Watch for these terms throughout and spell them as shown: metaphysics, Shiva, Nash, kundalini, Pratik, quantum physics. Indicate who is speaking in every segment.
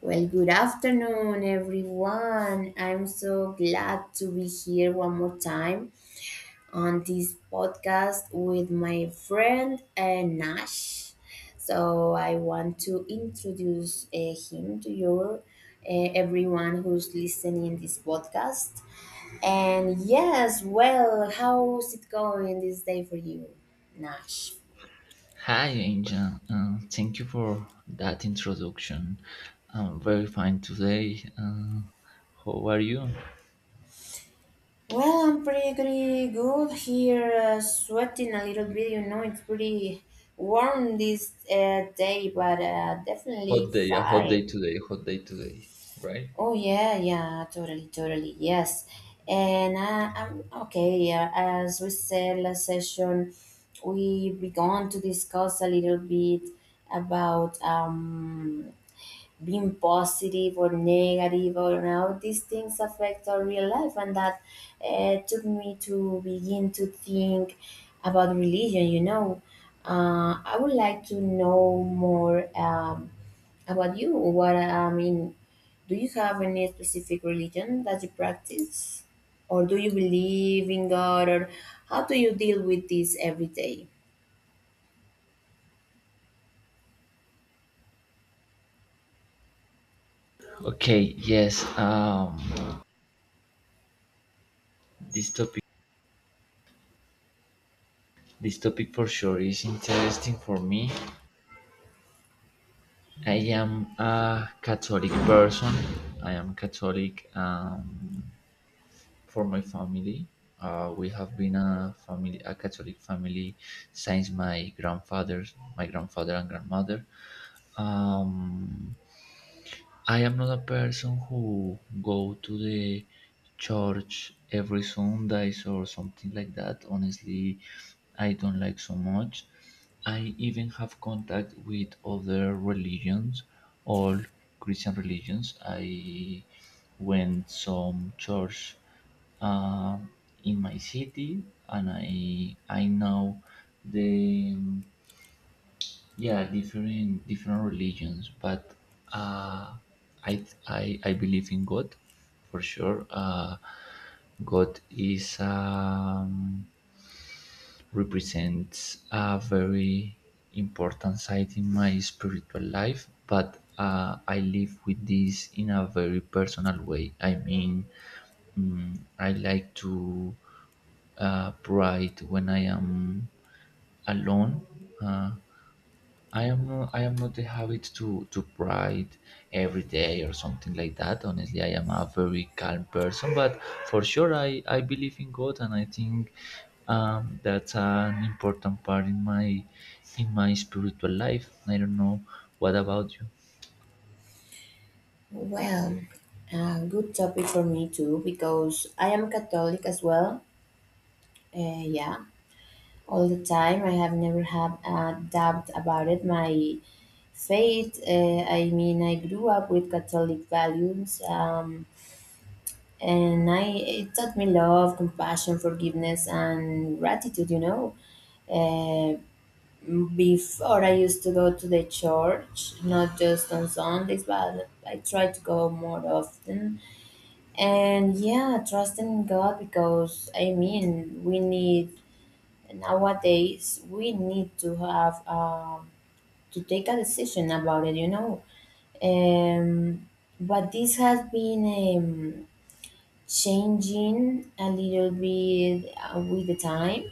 Speaker 1: Well, good afternoon, everyone. I'm so glad to be here one more time on this podcast with my friend Nash. So, I want to introduce him to your everyone who's listening this podcast. And yes, well, how's it going this day for you, Nash?
Speaker 2: Hi, Angel. Thank you for that introduction. I'm very fine today. How are you?
Speaker 1: Well, I'm pretty good here, sweating a little bit. You know, it's pretty warm this day, but definitely
Speaker 2: Hot day, a
Speaker 1: fine.
Speaker 2: hot day today, right?
Speaker 1: Oh yeah, yeah, totally, totally, yes. And I'm okay. Yeah, as we said last session, we began to discuss a little bit about being positive or negative, or how these things affect our real life. And that took me to begin to think about religion, you know. I would like to know more about you. What I mean, do you have any specific religion that you practice, or do you believe in God, or how do you deal with this every day?
Speaker 2: Okay. Yes. This topic. This topic for sure is interesting for me. I am a Catholic person. I am Catholic. For my family. We have been a family, a Catholic family, since my grandfather and grandmother. Um, I am not a person who go to the church every Sundays or something like that. Honestly, I don't like so much. I even have contact with other religions, all Christian religions. I went some church um in my city, and I know the, yeah, different religions, but uh I believe in God for sure. God is represents a very important side in my spiritual life, but I live with this in a very personal way. I mean, I like to pride when I am alone. uh, I am not the habit to write every day or something like that. Honestly, I am a very calm person, but for sure, I believe in God, and I think that's an important part in my spiritual life. I don't know what about you.
Speaker 1: Well, a good topic for me too, because I am Catholic as well. Yeah, all the time. I have never had a doubt about it. My faith. I mean, I grew up with Catholic values, and I, it taught me love, compassion, forgiveness, and gratitude. You know, uh, before I used to go to the church, not just on Sundays, but I tried to go more often. And yeah, trust in God, because I mean, we need, nowadays we need to have to take a decision about it, you know. Um, but this has been changing a little bit with the time,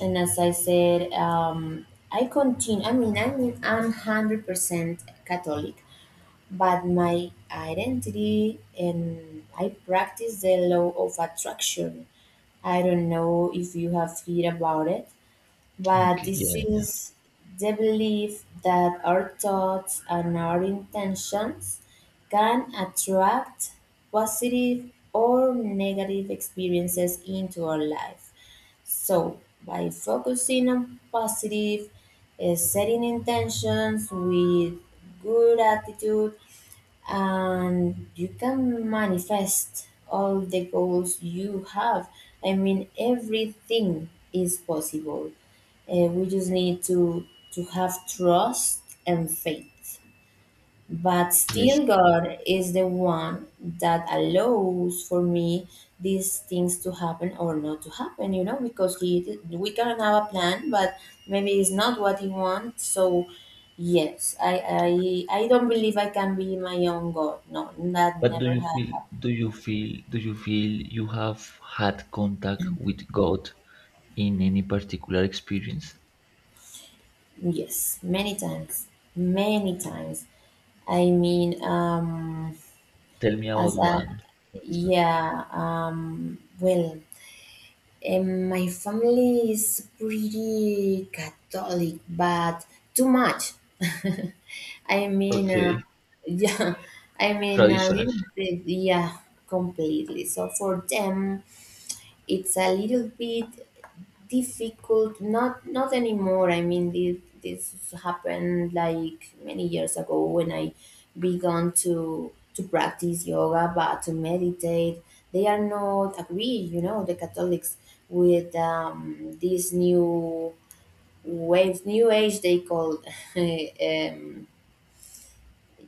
Speaker 1: and as I said, I continue. I mean, I'm 100% Catholic, but my identity, and I practice the law of attraction. I don't know if you have heard about it, but
Speaker 2: Okay,
Speaker 1: this
Speaker 2: yeah, yeah,
Speaker 1: is the belief that our thoughts and our intentions can attract positive or negative experiences into our life. So, by focusing on positive, setting intentions with good attitude, and you can manifest all the goals you have. I mean, everything is possible. We just need to have trust and faith. But
Speaker 2: yes.
Speaker 1: still, God is the one that allows, for me, these things to happen or not to happen, you know, because he, we can have a plan, but maybe it's not what he wants. So, yes, I don't believe I can be my own God. No, that
Speaker 2: But do
Speaker 1: never
Speaker 2: you feel
Speaker 1: happened.
Speaker 2: do you feel you have had contact with God in any particular experience?
Speaker 1: Yes, many times, many times. I mean,
Speaker 2: Tell me
Speaker 1: as
Speaker 2: about
Speaker 1: a,
Speaker 2: one, for instance.
Speaker 1: yeah, well, and my family is pretty Catholic, but too much. I mean,
Speaker 2: Okay.
Speaker 1: yeah, I mean a
Speaker 2: Traditional.
Speaker 1: little bit, yeah, completely. So for them, it's a little bit difficult. Not anymore, I mean, this happened like many years ago, when I began to practice yoga, but to meditate. They are not agree, you know, the Catholics, with this new wave, new age they call, um,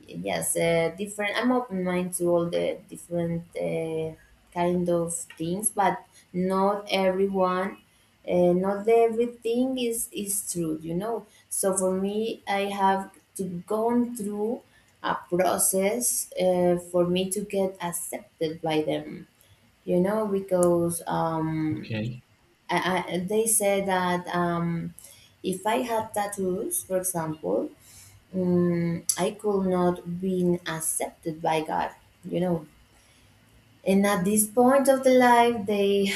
Speaker 1: yes. Different, I'm open mind to all the different kind of things, but not everyone, not everything is true, you know. So for me, I have to gone through a process for me to get accepted by them, you know, because
Speaker 2: Okay.
Speaker 1: I, they say that if I had tattoos, for example, Mm, I could not be accepted by God, you know. And at this point of the life, they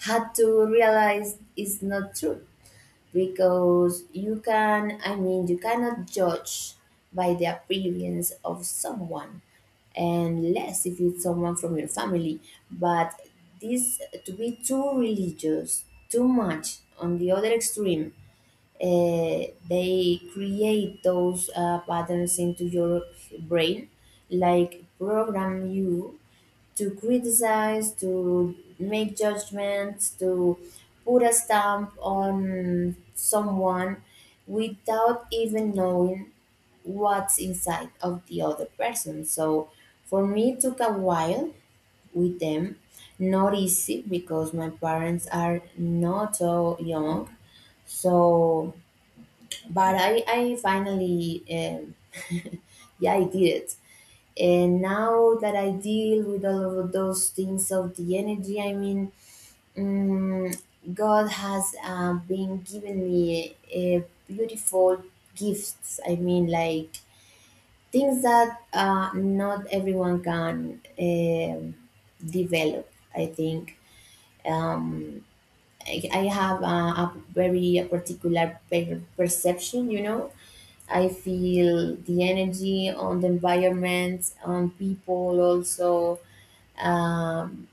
Speaker 1: had to realize it's not true, because you can, I mean, you cannot judge by the appearance of someone, and less if it's someone from your family. But this, to be too religious, too much on the other extreme, uh, they create those patterns into your brain, like program you to criticize, to make judgments, to put a stamp on someone without even knowing what's inside of the other person. So for me, it took a while with them. Not easy because my parents are not so young. So but I finally, yeah, I did it. And now that I deal with all of those things of the energy, I mean, um, God has been giving me a beautiful gifts. I mean, like things that not everyone can develop. I think um, I have a very perception, you know. I feel the energy on the environment, on people also. Um,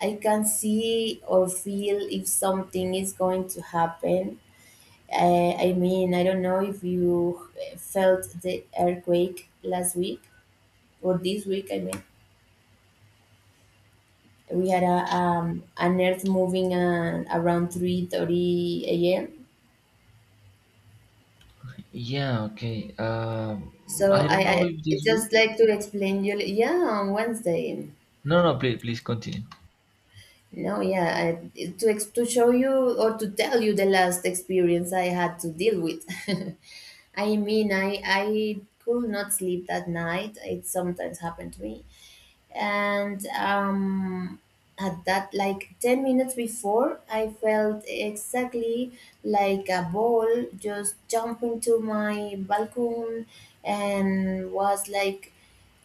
Speaker 1: I can see or feel if something is going to happen. I mean, I don't know if you felt the earthquake last week or this week. I mean, we had a an earth moving around 3:30 a.m.
Speaker 2: Yeah, okay.
Speaker 1: So
Speaker 2: I don't know
Speaker 1: I,
Speaker 2: if
Speaker 1: I
Speaker 2: this
Speaker 1: just
Speaker 2: week.
Speaker 1: like to explain you. Yeah, on Wednesday.
Speaker 2: No, no, please, please continue.
Speaker 1: No, yeah, I, to show you or to tell you the last experience I had to deal with. I mean, I could not sleep that night. It sometimes happened to me, and at that, like 10 minutes before, I felt exactly like a ball just jumping to my balcony, and was like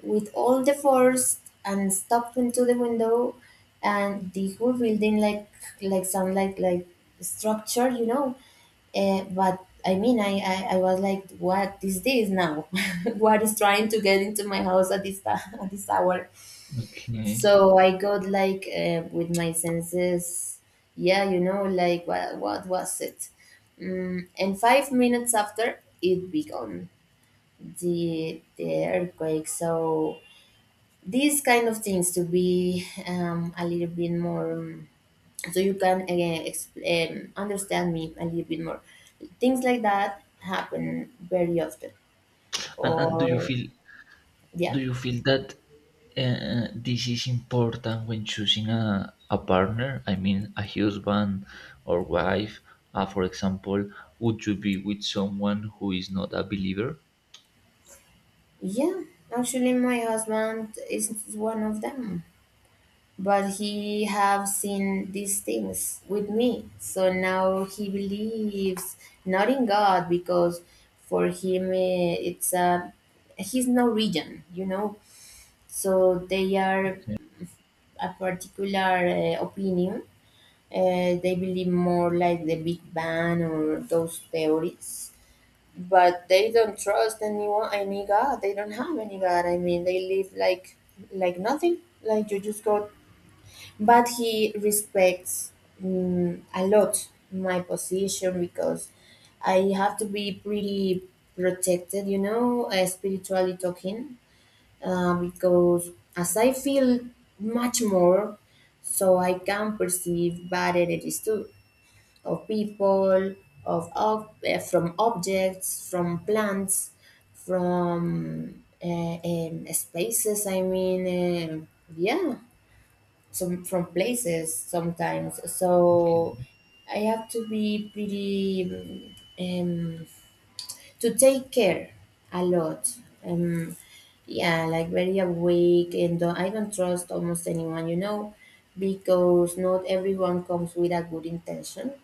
Speaker 1: with all the force, and stepped into the window, and the whole building like some like structure, you know. But I mean, I, I was like, what is this now? What is trying to get into my house at this at this hour?
Speaker 2: Okay.
Speaker 1: So I got like with my senses, yeah, you know, like what was it? Mm, and 5 minutes after, it began, the earthquake. So these kind of things, to be a little bit more, so you can again understand me a little bit more. Things like that happen very often,
Speaker 2: And do you
Speaker 1: or
Speaker 2: feel
Speaker 1: yeah.
Speaker 2: that this is important when choosing a partner? I mean, a husband or wife. For example, would you be with someone who is not a believer?
Speaker 1: Yeah, actually, my husband is one of them, but he have seen these things with me, so now he believes. Not in God, because for him, it's a, he's Norwegian, you know, so they are a particular opinion. They believe more like the Big Bang or those theories, but they don't trust anyone. I mean, God, they don't have any God. I mean, they live like nothing. Like you just go. But he respects, mm, a lot my position, because I have to be pretty protected, you know, spiritually talking, because as I feel much more, so I can perceive bad energies too, of people, from objects, from plants, from spaces. I mean, um yeah, some from places sometimes.
Speaker 2: Okay.
Speaker 1: So I have to be pretty. To take care a lot. Um, yeah, like very awake, and don't, I don't trust almost anyone, you know, because not everyone comes with a good intention.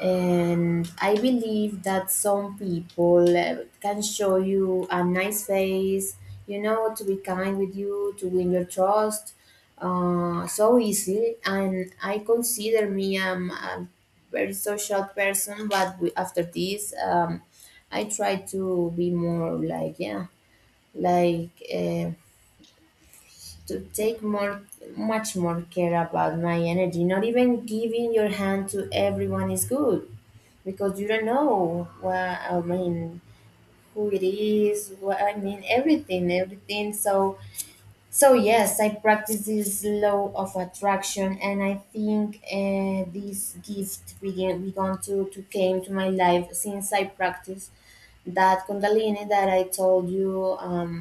Speaker 1: And I believe that some people can show you a nice face, you know, to be kind with you, to win your trust, so easy. And I consider me a very social person, but we, after this, I try to be more like, yeah, like. To take more, much more care about my energy. Not even giving your hand to everyone is good, because you don't know, what I mean, who it is, what I mean, everything, everything. So, so yes, I practice this law of attraction. And I think this gift began to came to my life since I practice that kundalini that I told you. um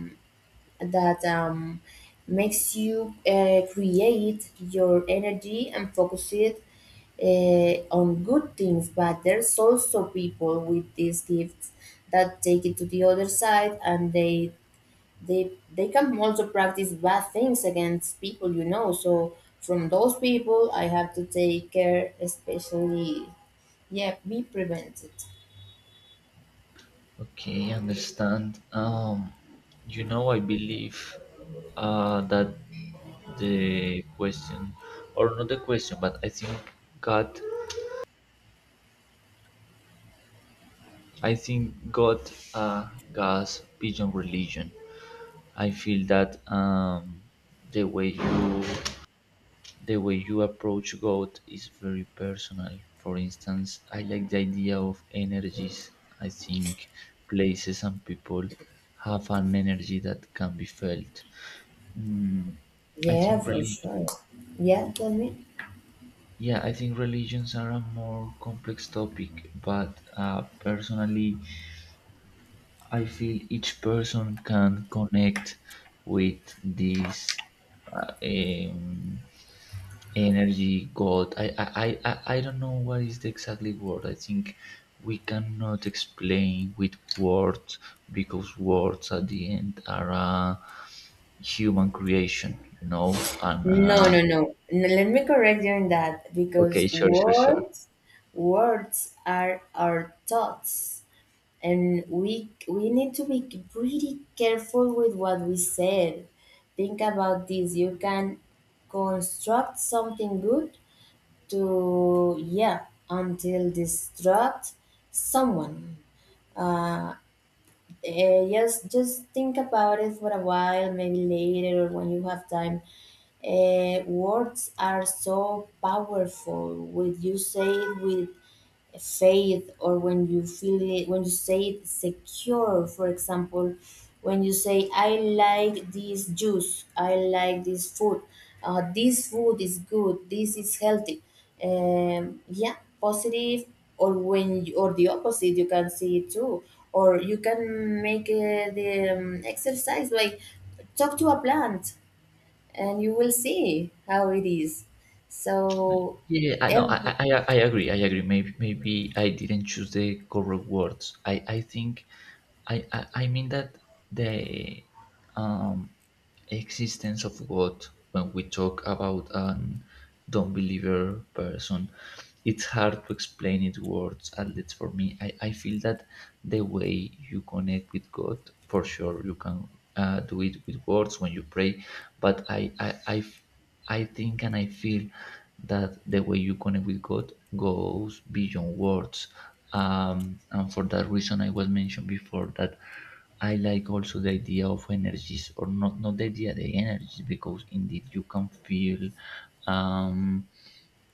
Speaker 1: that makes you create your energy and focus it on good things. But there's also people with these gifts that take it to the other side, and they, they can also practice bad things against people, you know. So from those people, I have to take care, especially yeah, be prevented.
Speaker 2: Okay, understand. I believe that the question, or not the question, but I think God, I think God, God's pigeon religion. I feel that the way you, the way you approach God is very personal. For instance, I like the idea of energies. I think places and people have an energy that can be felt. Mm, I
Speaker 1: Yeah,
Speaker 2: think
Speaker 1: for
Speaker 2: religion.
Speaker 1: sure. Yeah, tell me.
Speaker 2: Yeah, I think religions are a more complex topic, but personally, I feel each person can connect with this uh, um, energy God. I don't know what is the exactly word. I think we cannot explain with words because words at the end are a human creation. And
Speaker 1: No, no, no. Let me correct you in that,
Speaker 2: Okay,
Speaker 1: because
Speaker 2: sure, sure, sure.
Speaker 1: words, words are our thoughts, and we need to be pretty careful with what we said. Think about this. You can construct something good to, yeah, until destruct someone. Uh, just think about it for a while, maybe later or when you have time. Words are so powerful. Would you say it with, say it, or when you feel it, when you say it secure, for example, when you say, I like this juice, I like this food, this food is good, this is healthy, yeah, positive, or when you, or the opposite, you can see it too. Or you can make the exercise, like talk to a plant, and you will see how it is. So
Speaker 2: Yeah, yeah, I know.
Speaker 1: every,
Speaker 2: I agree. I agree. Maybe, maybe I didn't choose the correct words. I think I mean that the um, existence of God, when we talk about an don't believer person, it's hard to explain it words, at least for me. I feel that the way you connect with God, for sure, you can do it with words when you pray, but I think and I feel that the way you connect with God goes beyond words. And for that reason, I was mentioned before that I like also the idea of energies, or not, not the idea, the energies, because indeed you can feel um,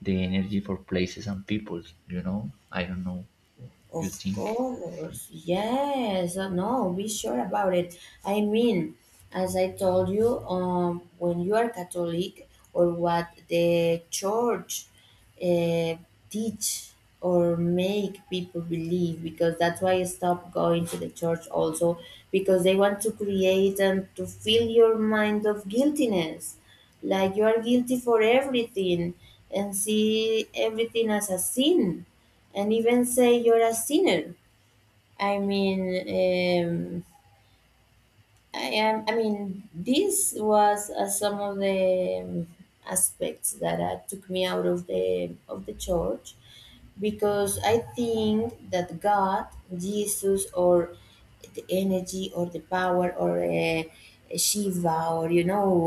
Speaker 2: the energy for places and people, you know? I don't know. You
Speaker 1: of
Speaker 2: think?
Speaker 1: course, yes, no, be sure about it. I mean, as I told you, when you are Catholic, or what the church uh, teach, or make people believe, because that's why I stopped going to the church also, because they want to create and to fill your mind of guiltiness. Like you are guilty for everything, and see everything as a sin, and even say you're a sinner. I mean, um, I am. I mean, this was some of the aspects that took me out of the church because I think that God, Jesus, or the energy, or the power, or Shiva, or you know,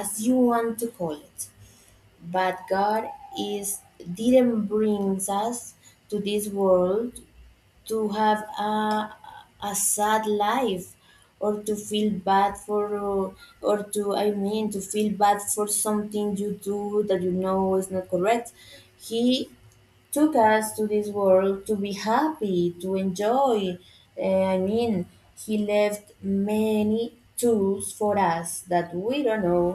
Speaker 1: as you want to call it, but God is didn't brings us to this world to have a sad life or to feel bad for, or to to feel bad for something you do that you know is not correct. He took us to this world to be happy, to enjoy. I mean he left many tools for us that we don't know,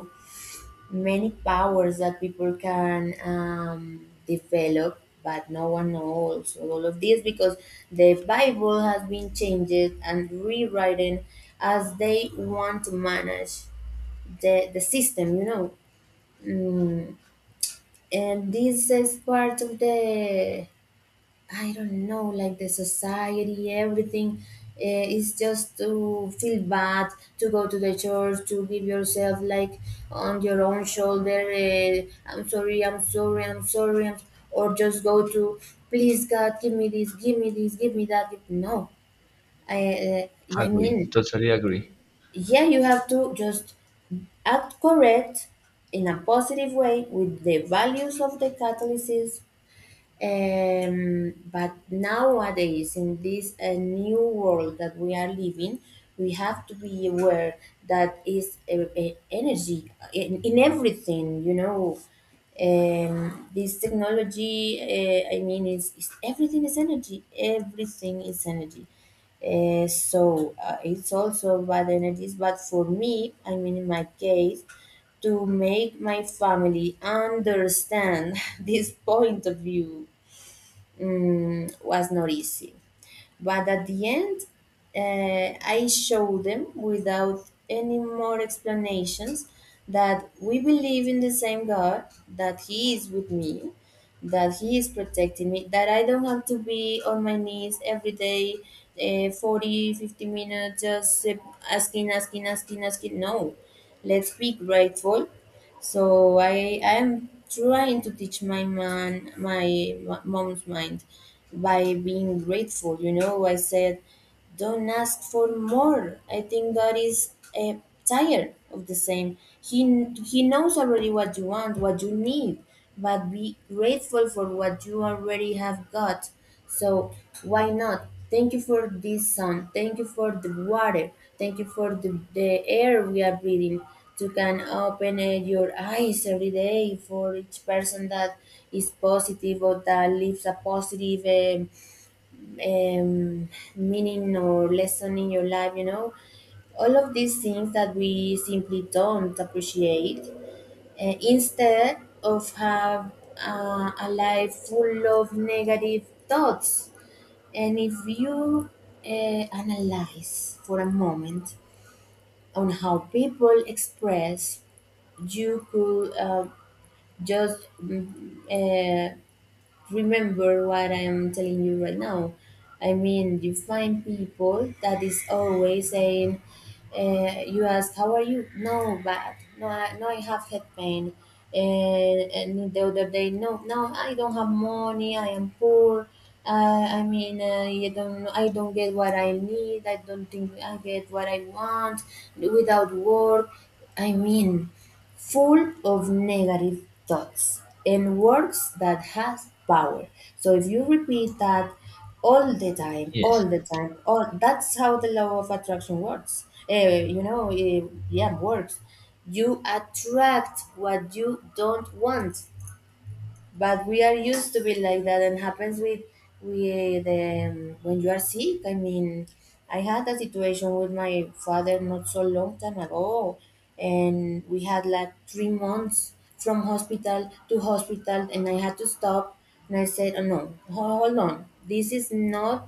Speaker 1: many powers that people can develop, but no one knows all of this because the Bible has been changed and rewritten as they want to manage the system, you know. mm. And this is part of the, I don't know, like the society, everything, is just to feel bad, to go to the church, to give yourself like on your own shoulder. I'm sorry, I'm sorry, I'm sorry, I'm, or just go to, please God, give me this, give me this, give me that. No, I, I
Speaker 2: Agree.
Speaker 1: mean,
Speaker 2: Totally agree.
Speaker 1: yeah, you have to just act correct in a positive way with the values of the Catholicism. But nowadays, in this new world that we are living, we have to be aware that is energy in everything. You know, this technology. I mean, is everything is energy. Everything is energy. So it's also bad energies. But for me, I mean, in my case, to make my family understand this point of view was not easy. But at the end, I showed them without any more explanations that we believe in the same God, that He is with me, that He is protecting me, that I don't have to be on my knees every day, 40, 50 minutes, just asking, asking, asking, asking. No, let's be grateful. So I am trying to teach my mom's mind by being grateful. You know, I said, don't ask for more. I think God is uh, tired of the same. He knows already what you want, what you need, but be grateful for what you already have got. So why not? Thank you for this sun. Thank you for the water. Thank you for the air we are breathing. You can open your eyes every day for each person that is positive or that lives a positive um, meaning or lesson in your life, you know, all of these things that we simply don't appreciate. Instead of have a life full of negative thoughts, and if you analyze for a moment on how people express, you could just remember what I'm telling you right now. I mean, you find people that is always saying, you ask, how are you? No, bad. No, I have head pain. And the other day, no, no, I don't have money. I am poor. I mean, you don't, I don't get what I need. I don't think I get what I want without work. I mean, full of negative thoughts and words that has power. So if you repeat that all the time,
Speaker 2: Yes.
Speaker 1: all the time, all that's how the law of attraction works. You know, yeah, works. You attract what you don't want, but we are used to be like that, and happens with with when you are sick. I mean, I had a situation with my father not so long time ago, and we had like 3 months from hospital to hospital, and I had to stop. And I said, oh no, hold on, this is not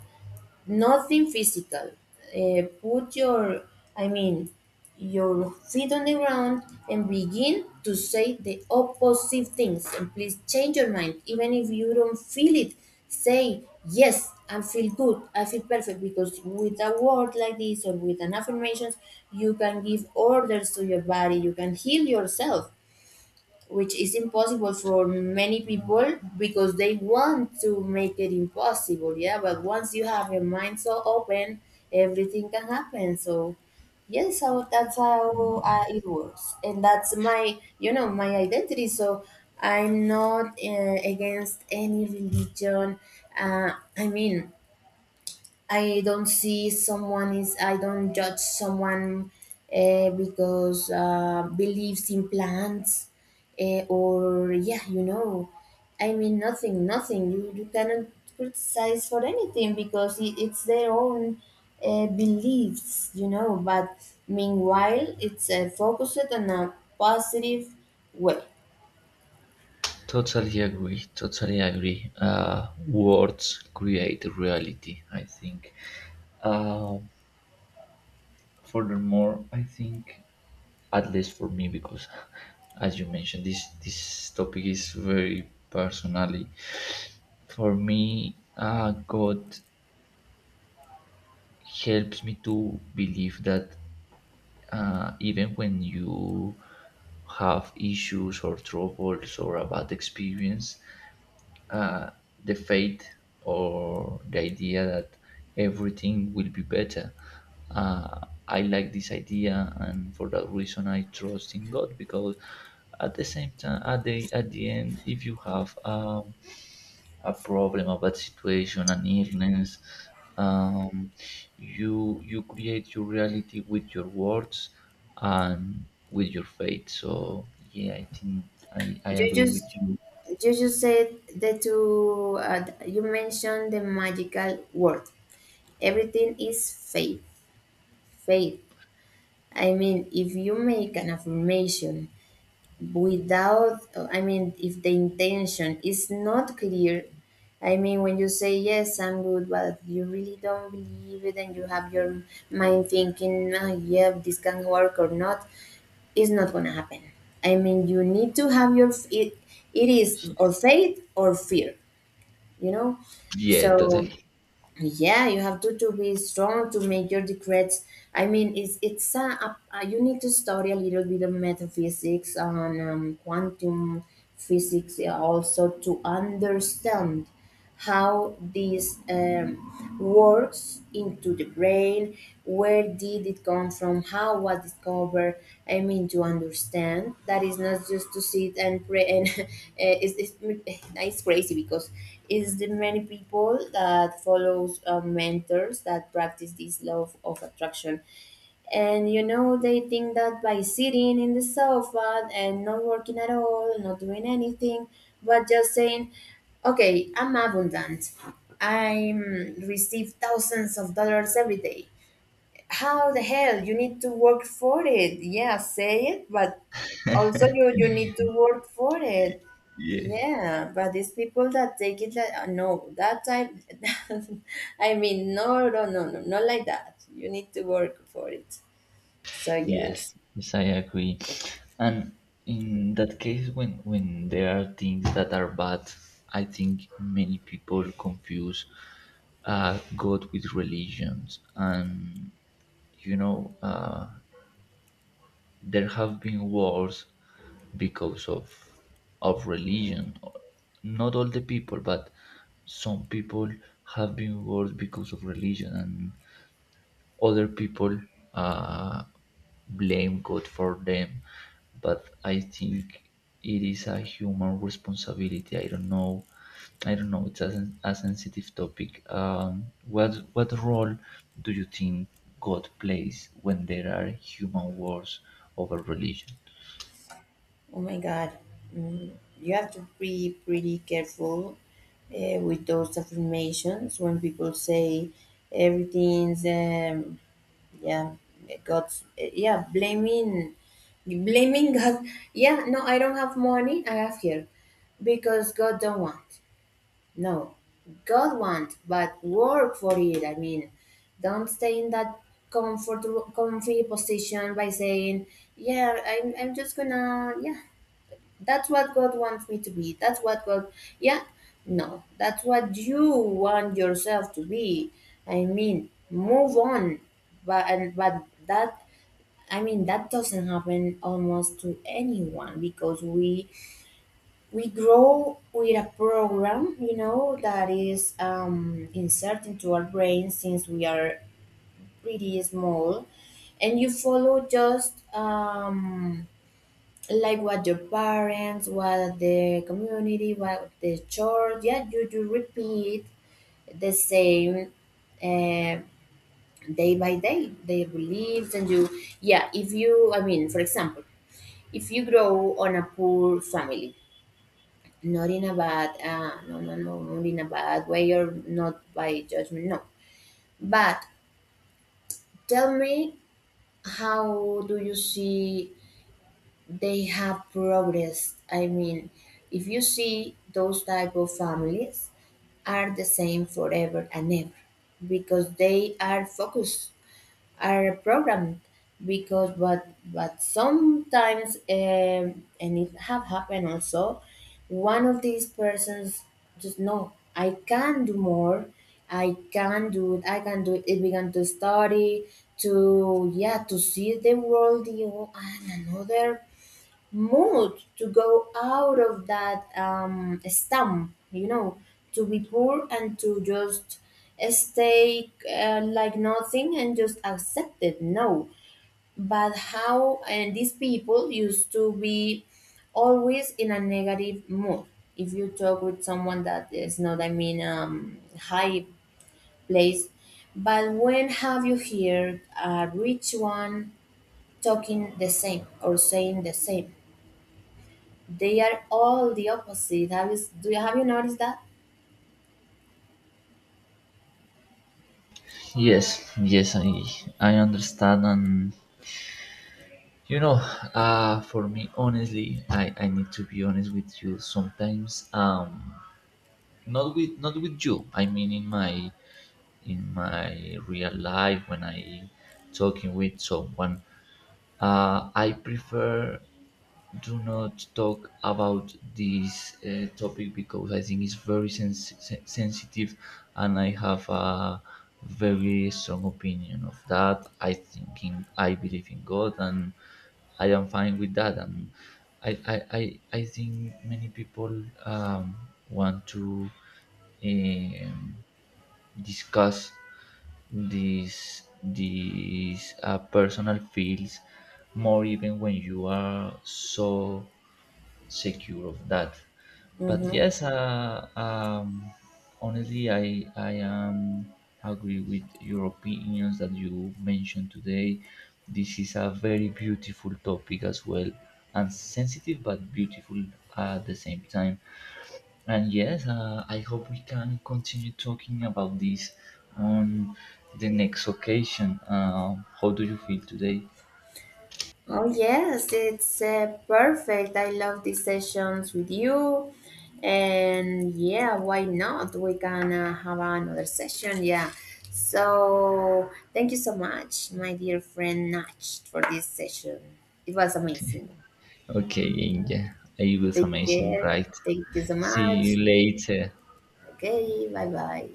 Speaker 1: nothing physical. Put your, I mean, your feet on the ground and begin to say the opposite things. And please change your mind, even if you don't feel it. Say yes, I feel good, I feel perfect. Because with a word like this or with an affirmations, you can give orders to your body. You can heal yourself, which is impossible for many people because they want to make it impossible. Yeah, but once you have your mind so open, everything can happen. So yes, how, that's how it works, and that's my, you know, my identity. So I'm not against any religion, uh, I mean, I don't see someone is, I don't judge someone because believes in plants, or yeah, you know, I mean, nothing, you cannot criticize for anything, because it's their own beliefs, you know, but meanwhile it's focused on a positive way.
Speaker 2: Totally agree. Totally agree. Words create reality, I think. Uh, furthermore, I think, at least for me, because as you mentioned, this topic is very personally. For me, God helps me to believe that even when you have issues or troubles or a bad experience, uh, the faith or the idea that everything will be better. Uh, I like this idea, and for that reason, I trust in God because at the same time, at the end, if you have a problem, a bad situation, an illness, um, you create your reality with your words and with your faith. So yeah, I think I
Speaker 1: You
Speaker 2: agree
Speaker 1: just
Speaker 2: with you.
Speaker 1: You just said that to you mentioned the magical word. Everything is faith. Faith. I mean, if you make an affirmation without, I mean, if the intention is not clear, I mean, when you say, yes, I'm good, but you really don't believe it and you have your mind thinking, oh, yeah, this can work or not, it's not going to happen. I mean, you need to have your, it, it is, or
Speaker 2: Yes.
Speaker 1: faith or fear, you know?
Speaker 2: Yeah,
Speaker 1: So,
Speaker 2: totally.
Speaker 1: yeah, you have to be strong to make your decrees. I mean, it's you need to study a little bit of metaphysics and quantum physics also, to understand how this works into the brain, where did it come from, how was discovered. I mean, to understand that is not just to sit and pray and it's, it's nice crazy, because is the many people that follows mentors that practice this law of attraction, and you know they think that by sitting in the sofa and not working at all, not doing anything, but just saying, okay, I'm abundant, I receive thousands of dollars every day. How the hell? You need to work for it. Yeah, say it, but also you need to work for it.
Speaker 2: Yeah.
Speaker 1: Yeah, but these people that take it like no, that type. I mean, no, no, no, no, not like that. You need to work for it. So
Speaker 2: Yes,
Speaker 1: yes.
Speaker 2: yes, I agree. And in that case, when there are things that are bad, I think many people confuse God with religions, and you know uh, there have been wars because of religion. Not all the people, but some people have been wars because of religion, and other people uh, blame God for them, but I think it is a human responsibility. I don't know. I don't know. It's a sensitive topic. What role do you think God plays when there are human wars over religion?
Speaker 1: Oh my God, mm, you have to be pretty careful with those affirmations when people say everything's yeah, God's yeah, blaming, blaming God. Yeah, no, I don't have money. I have here because God don't want. No, God want, but work for it. I mean, don't stay in that comfortable, comfy position by saying, "Yeah, I'm just gonna, yeah, that's what God wants me to be. That's what God, yeah, no, that's what you want yourself to be. I mean, move on, but that, I mean, that doesn't happen almost to anyone, because we grow with a program, you know, that is inserted into our brain since we are pretty small, and you follow just like what your parents, what the community, what the church. Yeah, you do repeat the same. Uh, Day by day their beliefs, and you, yeah, if you, I mean, for example, if you grow on a poor family, not in a bad no, no, no, not in a bad way or not by judgment, no, but tell me, how do you see they have progressed? I mean, if you see those type of families are the same forever and ever, because they are focused, are programmed, because what, but sometimes and it have happened also, one of these persons just, no, I can do more, I can do it, I can do it, it began to study, to, yeah, to see the world, you know, and another mood to go out of that slump, you know, to be poor and to just stay like nothing and just accept it. No, but how, and these people used to be always in a negative mood. If you talk with someone that is not, I mean, high place, but when have you heard a rich one talking the same or saying the same? They are all the opposite. Have you noticed that?
Speaker 2: Yes, yes, I understand, and you know, for me, honestly, I need to be honest with you. Sometimes, not with you, I mean, in my real life when I talking with someone, I prefer do not talk about this topic because I think it's very sensitive, and I have a very strong opinion of that. I believe in God, and I am fine with that. And I think many people want to um, discuss these personal feels more even when you are so secure of that. But
Speaker 1: Mm-hmm.
Speaker 2: yes, honestly, I am agree with your opinions that you mentioned today. This is a very beautiful topic as well, and sensitive but beautiful at the same time. And yes, I hope we can continue talking about this on the next occasion. How do you feel today?
Speaker 1: Oh yes, it's perfect. I love these sessions with you, and yeah, why not? We can have another session. Yeah. So thank you so much, my dear friend Nach, for this session. It was amazing.
Speaker 2: Okay, yeah, I was
Speaker 1: Take
Speaker 2: amazing,
Speaker 1: care.
Speaker 2: right?
Speaker 1: Thank you so
Speaker 2: See you
Speaker 1: much.
Speaker 2: later.
Speaker 1: Okay. Bye bye.